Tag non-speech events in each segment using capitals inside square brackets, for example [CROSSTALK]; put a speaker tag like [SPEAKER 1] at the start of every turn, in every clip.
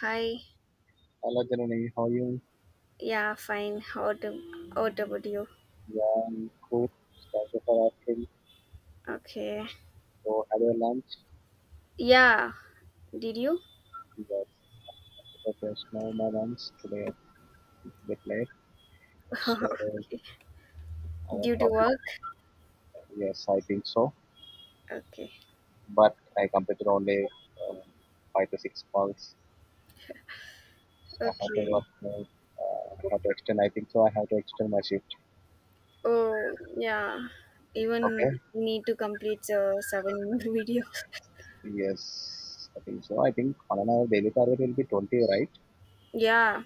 [SPEAKER 1] Hi.
[SPEAKER 2] I Alagranai hoyun
[SPEAKER 1] Yeah, fine. How to what about you?
[SPEAKER 2] yan ko for Atkins.
[SPEAKER 1] Okay.
[SPEAKER 2] So had your lunch?
[SPEAKER 1] Yeah. Did you?
[SPEAKER 2] Avalanche was the my lunch today they played.
[SPEAKER 1] [LAUGHS]
[SPEAKER 2] So our
[SPEAKER 1] Due to
[SPEAKER 2] topic
[SPEAKER 1] work?
[SPEAKER 2] yes I think so.
[SPEAKER 1] Okay.
[SPEAKER 2] But I completed only um, five to six balls. I have to
[SPEAKER 1] Okay.
[SPEAKER 2] work more. I have to extend I think so I have to extend my shift.
[SPEAKER 1] Oh yeah. Even
[SPEAKER 2] Okay.
[SPEAKER 1] need to complete the seven [LAUGHS] video.
[SPEAKER 2] Yes, I think so. I think on an hour daily target will be 20, right?
[SPEAKER 1] Yeah.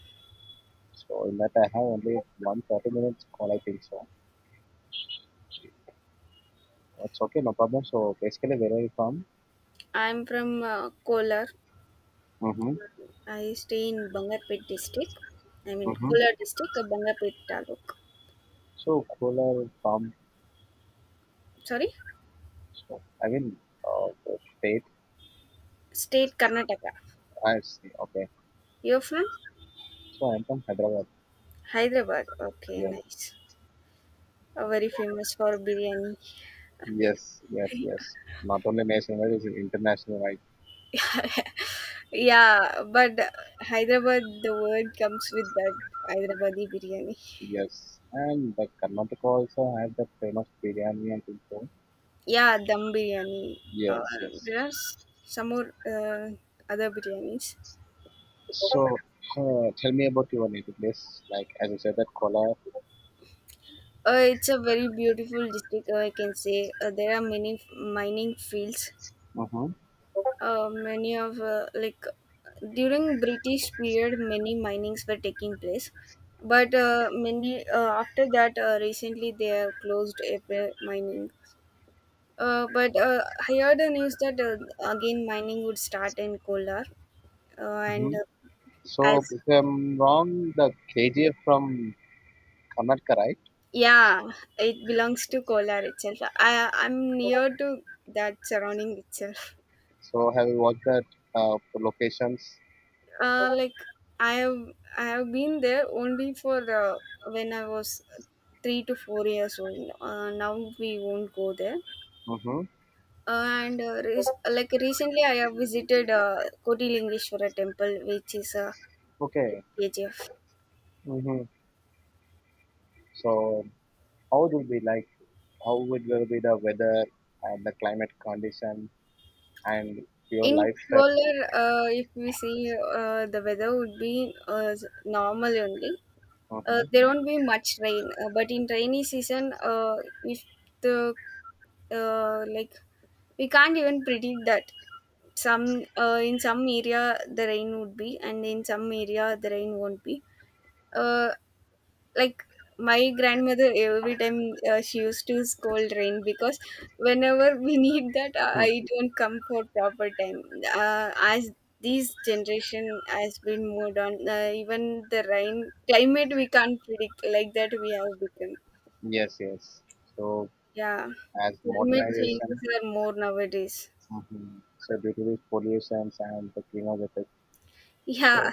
[SPEAKER 2] So in that I have only 1:30 minutes call I think so. That's okay, no problem. So basically, where are you from?
[SPEAKER 1] I'm from Kolar.
[SPEAKER 2] Mm-hmm.
[SPEAKER 1] I stay in Bangarpet district. I mean
[SPEAKER 2] Mm-hmm.
[SPEAKER 1] Kolar district, Bangarpet taluk.
[SPEAKER 2] So Kolar from,
[SPEAKER 1] Sorry,
[SPEAKER 2] so I mean, the state.
[SPEAKER 1] state Karnataka.
[SPEAKER 2] I see. Okay,
[SPEAKER 1] You're from
[SPEAKER 2] so I'm from Hyderabad.
[SPEAKER 1] Hyderabad. Okay,
[SPEAKER 2] Yeah.
[SPEAKER 1] nice. Very famous for biryani.
[SPEAKER 2] Yes, yes, yes. Not only national, it's international, right?
[SPEAKER 1] Yeah, but Hyderabad, the word comes with that Hyderabadi biryani.
[SPEAKER 2] Yes. And the Karnataka also have the famous biryani and things. So.
[SPEAKER 1] Yeah, dum biryani. Uh,
[SPEAKER 2] Yes, yes.
[SPEAKER 1] there are some more other biryanis.
[SPEAKER 2] So tell me about your native place. Like as you said, that Kolar.
[SPEAKER 1] It's a very beautiful district, I can say. There are many mining fields.
[SPEAKER 2] Mm-hmm.
[SPEAKER 1] Many of, during British period, many minings were taking place. But many after that, recently they have closed every mining. But I heard the news that again mining would start in Kolar,
[SPEAKER 2] Mm-hmm.
[SPEAKER 1] and as
[SPEAKER 2] So if I'm wrong, the KGF from Karnataka, right?
[SPEAKER 1] yeah, it belongs to Kolar itself. I'm near to that surrounding itself.
[SPEAKER 2] So have you watched that locations?
[SPEAKER 1] Uh, like I have I have been there only for when I was 3 to 4 years old. Now we won't go there.
[SPEAKER 2] Mm-hmm.
[SPEAKER 1] And re- like Recently, I have visited Koti Lingeshwara temple, which is a
[SPEAKER 2] Okay.
[SPEAKER 1] KGF.
[SPEAKER 2] Mm-hmm. So how it will be like? How would will be the weather and the climate condition and your
[SPEAKER 1] In
[SPEAKER 2] lifestyle?
[SPEAKER 1] Kolar, if we see the weather would be normal only.
[SPEAKER 2] Mm-hmm.
[SPEAKER 1] There won't be much rain, but in rainy season, if the like we can't even predict that some in some area the rain would be and in some area the rain won't be. Uh, like my grandmother every time she used to scold rain because whenever we [LAUGHS] need that I don't come for proper time as this generation has been moved on, even the rain climate we can't predict. Like that we have become,
[SPEAKER 2] Yes, yes. So
[SPEAKER 1] yeah,
[SPEAKER 2] as
[SPEAKER 1] climate
[SPEAKER 2] modernization,
[SPEAKER 1] changes are more nowadays.
[SPEAKER 2] hmm, so due to these pollutions and the greenhouse effect. So
[SPEAKER 1] Yeah,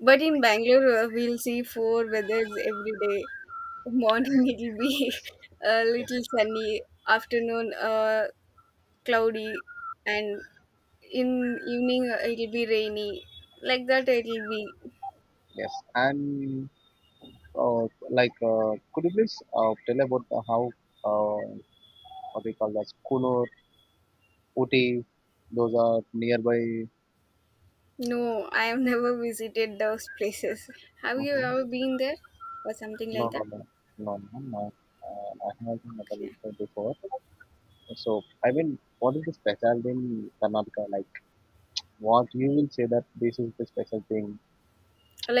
[SPEAKER 1] but in Bangalore we'll see four weathers every day. Morning [LAUGHS] it'll be a
[SPEAKER 2] yes,
[SPEAKER 1] little sunny, afternoon cloudy, and in evening it'll be rainy. Like that it'll be.
[SPEAKER 2] yes. And uh, like, could you please tell about the how uh, what we call that Kunur Ooty, those are nearby.
[SPEAKER 1] No, I have never visited those places. Have you
[SPEAKER 2] Mhm.
[SPEAKER 1] ever been there or something
[SPEAKER 2] No,
[SPEAKER 1] like
[SPEAKER 2] no,
[SPEAKER 1] that?
[SPEAKER 2] no, no, no, no. I haven't never
[SPEAKER 1] Yeah.
[SPEAKER 2] visited before. So, I mean, what is the specialty in Karnataka? Like, what you will say that this is the special thing?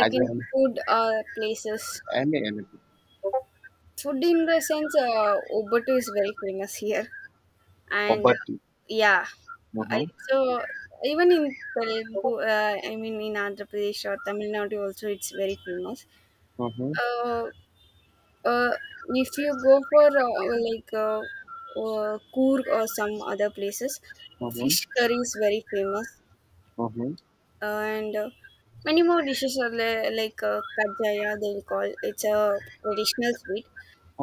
[SPEAKER 2] I
[SPEAKER 1] in
[SPEAKER 2] mean,
[SPEAKER 1] food, places,
[SPEAKER 2] have any anything,
[SPEAKER 1] food in the sense, oboto is very famous here. And
[SPEAKER 2] poverty.
[SPEAKER 1] yeah, I,
[SPEAKER 2] Mhm.
[SPEAKER 1] so even in Telugu, I mean in Andhra Pradesh or Tamil Nadu also it's very famous.
[SPEAKER 2] Mm-hmm,
[SPEAKER 1] Uh, Uh, if you go for Coorg or some other places,
[SPEAKER 2] mm-hmm,
[SPEAKER 1] fish curry is very famous,
[SPEAKER 2] mm-hmm,
[SPEAKER 1] and many more dishes are like kajaya they'll call. It's a traditional sweet.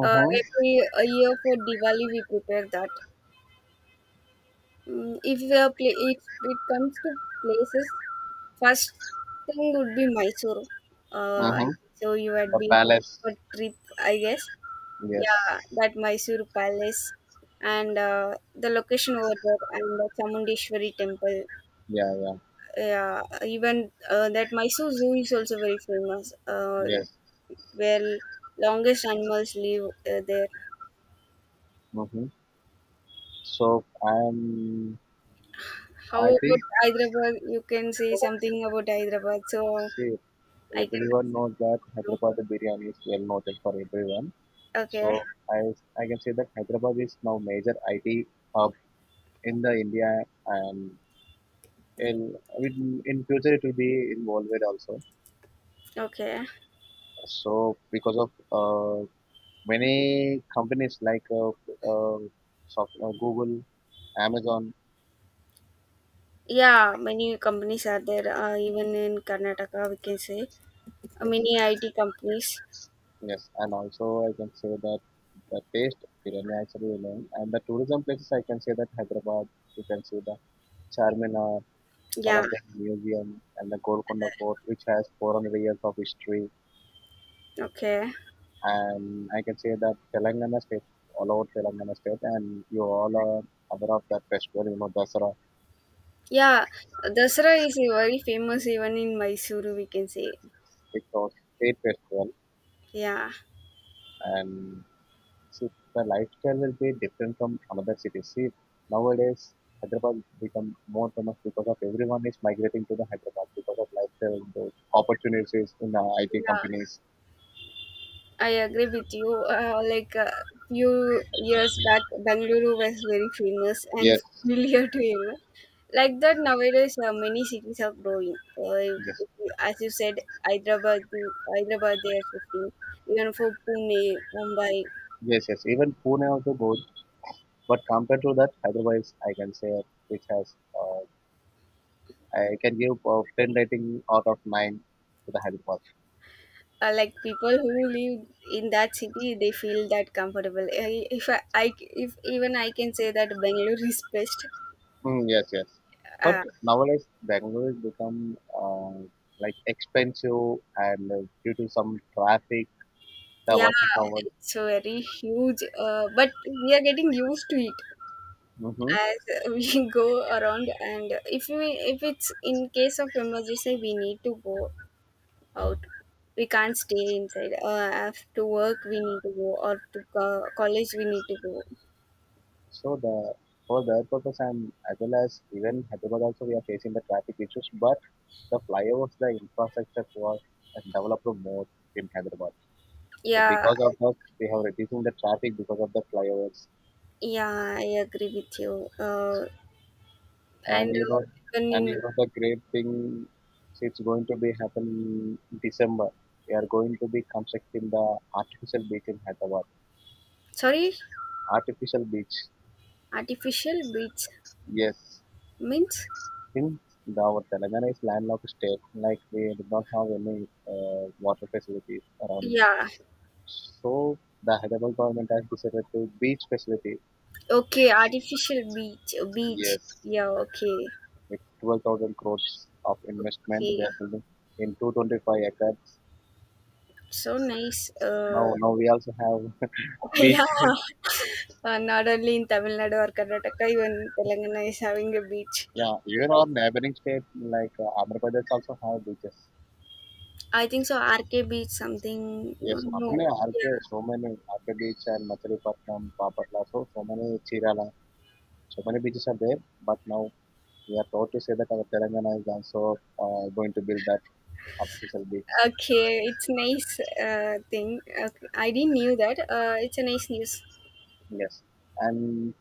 [SPEAKER 1] Every a year for Diwali we prepare that. Mm, if we are if it comes to places, first thing would be Mysore. Uh,
[SPEAKER 2] Mhm.
[SPEAKER 1] so you had
[SPEAKER 2] The
[SPEAKER 1] been
[SPEAKER 2] palace.
[SPEAKER 1] for trip, I guess.
[SPEAKER 2] Yes.
[SPEAKER 1] Yeah, that Mysore Palace and the location over there and the Chamundeshwari temple.
[SPEAKER 2] Yeah, yeah.
[SPEAKER 1] Yeah, even that Mysore Zoo is also very famous,
[SPEAKER 2] Yes.
[SPEAKER 1] where longest animals live there.
[SPEAKER 2] Mm-hmm. So,
[SPEAKER 1] How
[SPEAKER 2] I
[SPEAKER 1] about Hyderabad? You can say something about Hyderabad, so
[SPEAKER 2] think.
[SPEAKER 1] I can let
[SPEAKER 2] Everyone knows that
[SPEAKER 1] you know.
[SPEAKER 2] Hyderabad biryani is well noted for everyone. So
[SPEAKER 1] Okay,
[SPEAKER 2] I I can say that Hyderabad is now major IT hub in the India and in future it will be involved also.
[SPEAKER 1] okay.
[SPEAKER 2] So because of many companies like uh, Google, Amazon,
[SPEAKER 1] Yeah, many companies are there, even in Karnataka, we can say.
[SPEAKER 2] yes,
[SPEAKER 1] Many IT companies.
[SPEAKER 2] yes, and also I can say that the taste biryani also remain and the tourism places I can say that Hyderabad. You can see the Charminar,
[SPEAKER 1] Yeah,
[SPEAKER 2] Salagarh Museum and the Golconda Fort, which has 400 years of history.
[SPEAKER 1] okay.
[SPEAKER 2] And I can say that Telangana state, all over Telangana state, and you all are aware of that festival, you know, Dasara,
[SPEAKER 1] Yeah, Dasara is a very famous even in Mysuru, we can say.
[SPEAKER 2] it's a state festival.
[SPEAKER 1] Yeah,
[SPEAKER 2] And see, the lifestyle will be different from another city. See, nowadays, Hyderabad become more famous because of everyone is migrating to the Hyderabad because of lifestyle, the opportunities in the IT
[SPEAKER 1] yeah,
[SPEAKER 2] companies.
[SPEAKER 1] I agree with you. Like a few years back, Bengaluru was very famous and [LAUGHS]
[SPEAKER 2] Yes,
[SPEAKER 1] familiar to everyone. Like that, nowadays, many cities are growing.
[SPEAKER 2] yes.
[SPEAKER 1] If you- As you said, Hyderabad, Hyderabad, they are shifting. Even for Pune, Mumbai.
[SPEAKER 2] Yes, yes. Even Pune also goes. But compared to that, otherwise I can say which has I can give ten rating out of nine to the Hyderabad.
[SPEAKER 1] Like people who live in that city they feel that comfortable. I, if I, I if Even I can say that Bangalore is best.
[SPEAKER 2] Mm, yes, yes. But
[SPEAKER 1] uh,
[SPEAKER 2] nowadays Bangalore has become like expensive and due to some traffic, the
[SPEAKER 1] yeah,
[SPEAKER 2] working hours.
[SPEAKER 1] it's very huge, but we are getting used to it
[SPEAKER 2] Hmm.
[SPEAKER 1] as we [LAUGHS] go around. And if we, if it's in case of emergency we need to go out, we can't stay inside. After work we need to go, or to college we need to go.
[SPEAKER 2] So the for that purpose and as well as even Hyderabad also we are facing the traffic issues. But the flyovers, the infrastructure was has developed more in Hyderabad. So
[SPEAKER 1] Yeah,
[SPEAKER 2] because of that, we have reducing the traffic because of the flyovers.
[SPEAKER 1] yeah, I agree with you. And
[SPEAKER 2] And you know,
[SPEAKER 1] then
[SPEAKER 2] and
[SPEAKER 1] in
[SPEAKER 2] you know the great thing, so it's going to be happen in December. We are going to be constructing the artificial beach in Hyderabad.
[SPEAKER 1] Sorry,
[SPEAKER 2] Artificial beach,
[SPEAKER 1] artificial beach
[SPEAKER 2] yes.
[SPEAKER 1] means.
[SPEAKER 2] Since the, our Telangana is landlocked state, like we do not have any water facilities around.
[SPEAKER 1] Yeah,
[SPEAKER 2] So the Hyderabad government has decided to beach facility.
[SPEAKER 1] okay, artificial beach, beach,
[SPEAKER 2] Yes.
[SPEAKER 1] yeah, okay,
[SPEAKER 2] With 12,000 crores of investment. They
[SPEAKER 1] okay,
[SPEAKER 2] are building in 225 acres.
[SPEAKER 1] so nice,
[SPEAKER 2] Now, now we also have [LAUGHS]
[SPEAKER 1] [LAUGHS] yeah.
[SPEAKER 2] beach.
[SPEAKER 1] Not only in Tamil Nadu or Karnataka, even Telangana is having a beach.
[SPEAKER 2] Yeah, even our neighboring state like Andhra Pradesh also have beaches.
[SPEAKER 1] I think so, RK beach something.
[SPEAKER 2] Yes, not
[SPEAKER 1] No,
[SPEAKER 2] only RK,
[SPEAKER 1] yeah,
[SPEAKER 2] so many RK beach and Machilipatnam, Papatla, so, so many Chirala, so many beaches are there. But now we are proud to say that our Telangana is also going to build that artificial beach.
[SPEAKER 1] okay, it's nice, thing. Okay, I didn't knew that it's a nice news.
[SPEAKER 2] Yes. And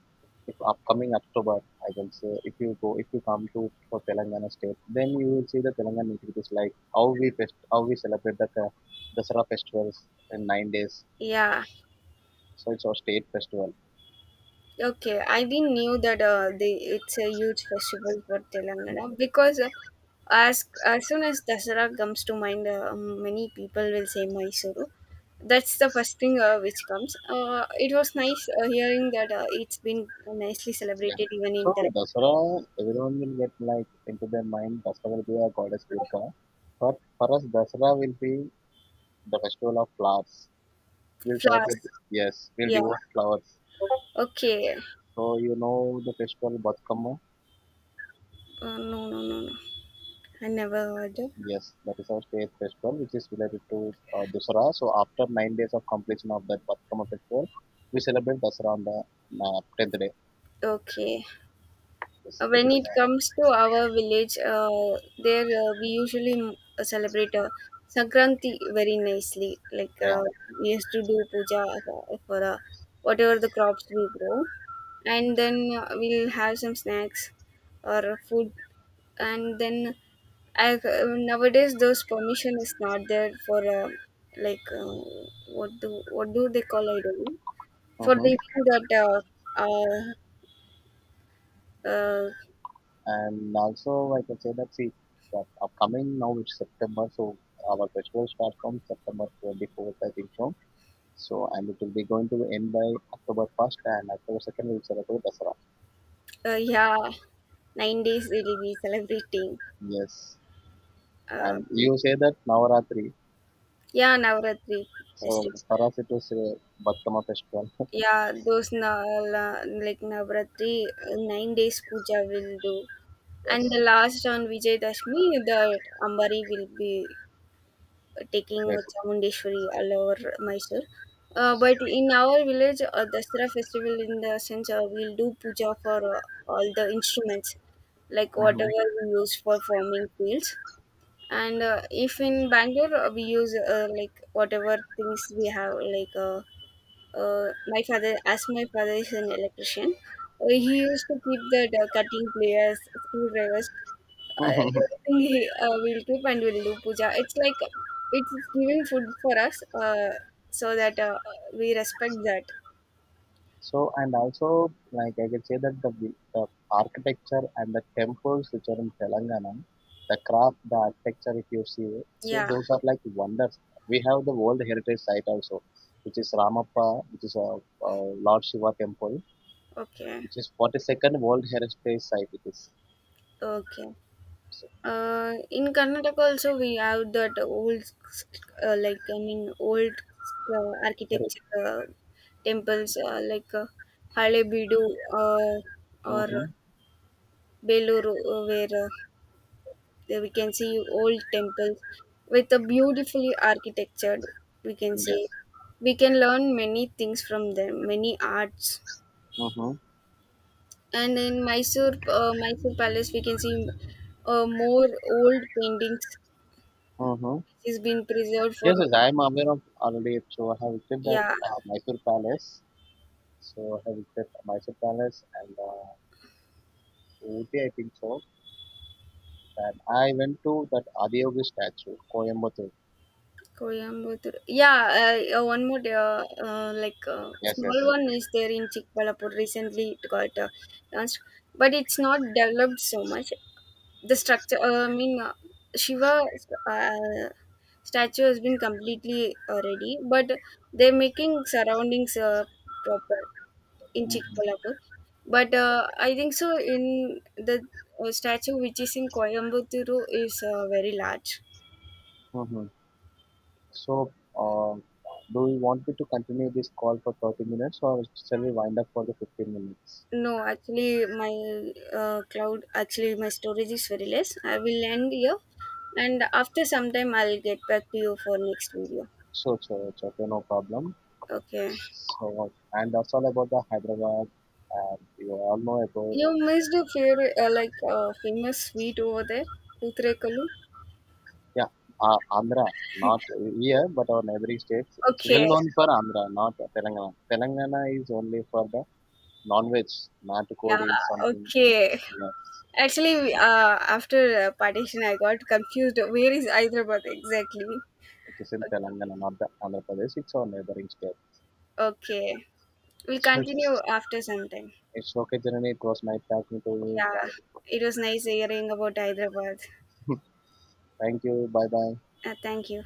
[SPEAKER 2] if upcoming October, I will say, if you go, if you come to for Telangana state, then you will see the Telangana activities like how we fest, how we celebrate the Dasara festivals in 9 days.
[SPEAKER 1] Yeah.
[SPEAKER 2] So it's our state festival.
[SPEAKER 1] Okay, I didn't knew that the it's a huge festival for
[SPEAKER 2] Yeah.
[SPEAKER 1] Telangana because as soon as Dasara comes to mind, many people will say Mysuru. That's the first thing which comes. It was nice hearing that it's been nicely
[SPEAKER 2] Yes.
[SPEAKER 1] celebrated even in
[SPEAKER 2] So
[SPEAKER 1] the
[SPEAKER 2] Dasara, everyone will get like into their mind, Dasara will be a goddess Durga, but for us, Dasara will be the festival of flowers. We'll celebrate.
[SPEAKER 1] flowers.
[SPEAKER 2] Yes, we'll
[SPEAKER 1] Yeah.
[SPEAKER 2] devote flowers.
[SPEAKER 1] Okay.
[SPEAKER 2] So you know the festival Batkama.
[SPEAKER 1] No, no, no, no. I never heard.
[SPEAKER 2] Yes, that is our state festival, which is related to Dussehra. So after 9 days of completion of that Batkama festival, we celebrate Dussehra on the tenth day.
[SPEAKER 1] Okay.
[SPEAKER 2] Yes, it
[SPEAKER 1] When
[SPEAKER 2] is
[SPEAKER 1] it
[SPEAKER 2] like
[SPEAKER 1] comes to our village, there we usually celebrate Sankranti very nicely.
[SPEAKER 2] yeah.
[SPEAKER 1] We used to do puja for whatever the crops we grow, and then we'll have some snacks or food, and then I, nowadays those permission is not there for like uh, what do they call, I don't know, for
[SPEAKER 2] Hmm.
[SPEAKER 1] leaving that uh, uh,
[SPEAKER 2] And also, I can say that see that upcoming now it's September, so our festival starts from September 24th, I think so. So and it will be going to end by October 1st and October 2nd we will celebrate Dussehra.
[SPEAKER 1] Yeah, 9 days we'll be celebrating.
[SPEAKER 2] Yes,
[SPEAKER 1] Uh,
[SPEAKER 2] and you say that Navaratri.
[SPEAKER 1] yeah, Navratri
[SPEAKER 2] So
[SPEAKER 1] festival.
[SPEAKER 2] Dussehra it was Badkama festival. [LAUGHS]
[SPEAKER 1] Yeah, those like Navratri, 9 days puja will do. And
[SPEAKER 2] Yes,
[SPEAKER 1] the last on Vijayadashmi, the Ambari will be taking
[SPEAKER 2] yes.
[SPEAKER 1] Chamundeshwari all over Mysore. But in our village, Dasara festival in the sense we'll do puja for all the instruments, like whatever
[SPEAKER 2] Hmm.
[SPEAKER 1] we use for forming fields. And if in Bangalore we use like whatever things we have, like my father, as my father is an electrician. He used to keep the cutting pliers, screwdrivers, everything he will keep and will do puja. It's like it's giving food for us, so that we respect that.
[SPEAKER 2] So, and also, like I can say that the, the architecture and the temples which are in Telangana, the craft, the architecture, if you see, so
[SPEAKER 1] Yeah,
[SPEAKER 2] those are like wonders. We have the World Heritage Site also, which is Ramappa, which is a Lord Shiva temple,
[SPEAKER 1] okay,
[SPEAKER 2] which is 42nd World Heritage Site. It is.
[SPEAKER 1] okay.
[SPEAKER 2] So,
[SPEAKER 1] In Karnataka also we have that old, I mean, old architecture temples Halebeedu or
[SPEAKER 2] mm-hmm.
[SPEAKER 1] Beluru, where there we can see old temples with a beautifully architectured. We can
[SPEAKER 2] Yes.
[SPEAKER 1] see we can learn many things from them, many arts.
[SPEAKER 2] Mm-hmm.
[SPEAKER 1] And in Mysore, Mysore Palace, we can see more old paintings
[SPEAKER 2] Mm-hmm.
[SPEAKER 1] which has been preserved for.
[SPEAKER 2] Yes, yes, I am aware of already. So I have visited that
[SPEAKER 1] Yeah,
[SPEAKER 2] Mysore Palace. So I visited Mysore Palace and Ooty, I think so. And I went to that Adiyogi statue, Coimbatore.
[SPEAKER 1] Coimbatore. Yeah, one more
[SPEAKER 2] Yes, yes.
[SPEAKER 1] small one is there in Chikkbalapur. Recently, it got launched, but it's not developed so much. The structure, I mean, Shiva uh, statue has been completely ready, but they're making surroundings proper in
[SPEAKER 2] Mm-hmm.
[SPEAKER 1] Chikkbalapur. But I think so. In the statue which is in Coimbatore is very large.
[SPEAKER 2] Mm-hmm. So, uh, do you want me to continue this call for 30 minutes or shall we wind up for the 15 minutes?
[SPEAKER 1] No, actually, my cloud, actually, my storage is very less. I will end here, and after some time, I'll get back to you for next video.
[SPEAKER 2] Sure, sure, sure, okay, no problem.
[SPEAKER 1] Okay.
[SPEAKER 2] So, and that's all about the Hyderabad. And you all know about,
[SPEAKER 1] You missed a few, famous sweet over there, Utrekalu.
[SPEAKER 2] yeah, Andhra, not here, but our neighboring states. It's well
[SPEAKER 1] Okay.
[SPEAKER 2] known for Andhra, not Telangana. Telangana is only for the non-veg natukodi is
[SPEAKER 1] Yeah.
[SPEAKER 2] something
[SPEAKER 1] Okay.
[SPEAKER 2] yeah,
[SPEAKER 1] Actually, after partition, I got confused. Where is Hyderabad exactly?
[SPEAKER 2] it is in Telangana not the Andhra Pradesh it's our neighboring state.
[SPEAKER 1] Okay. We'll continue after some time.
[SPEAKER 2] It's okay Janani. It was nice talking to you
[SPEAKER 1] Yeah.
[SPEAKER 2] bye.
[SPEAKER 1] It was nice hearing about Hyderabad.
[SPEAKER 2] Thank you bye bye.
[SPEAKER 1] Thank you.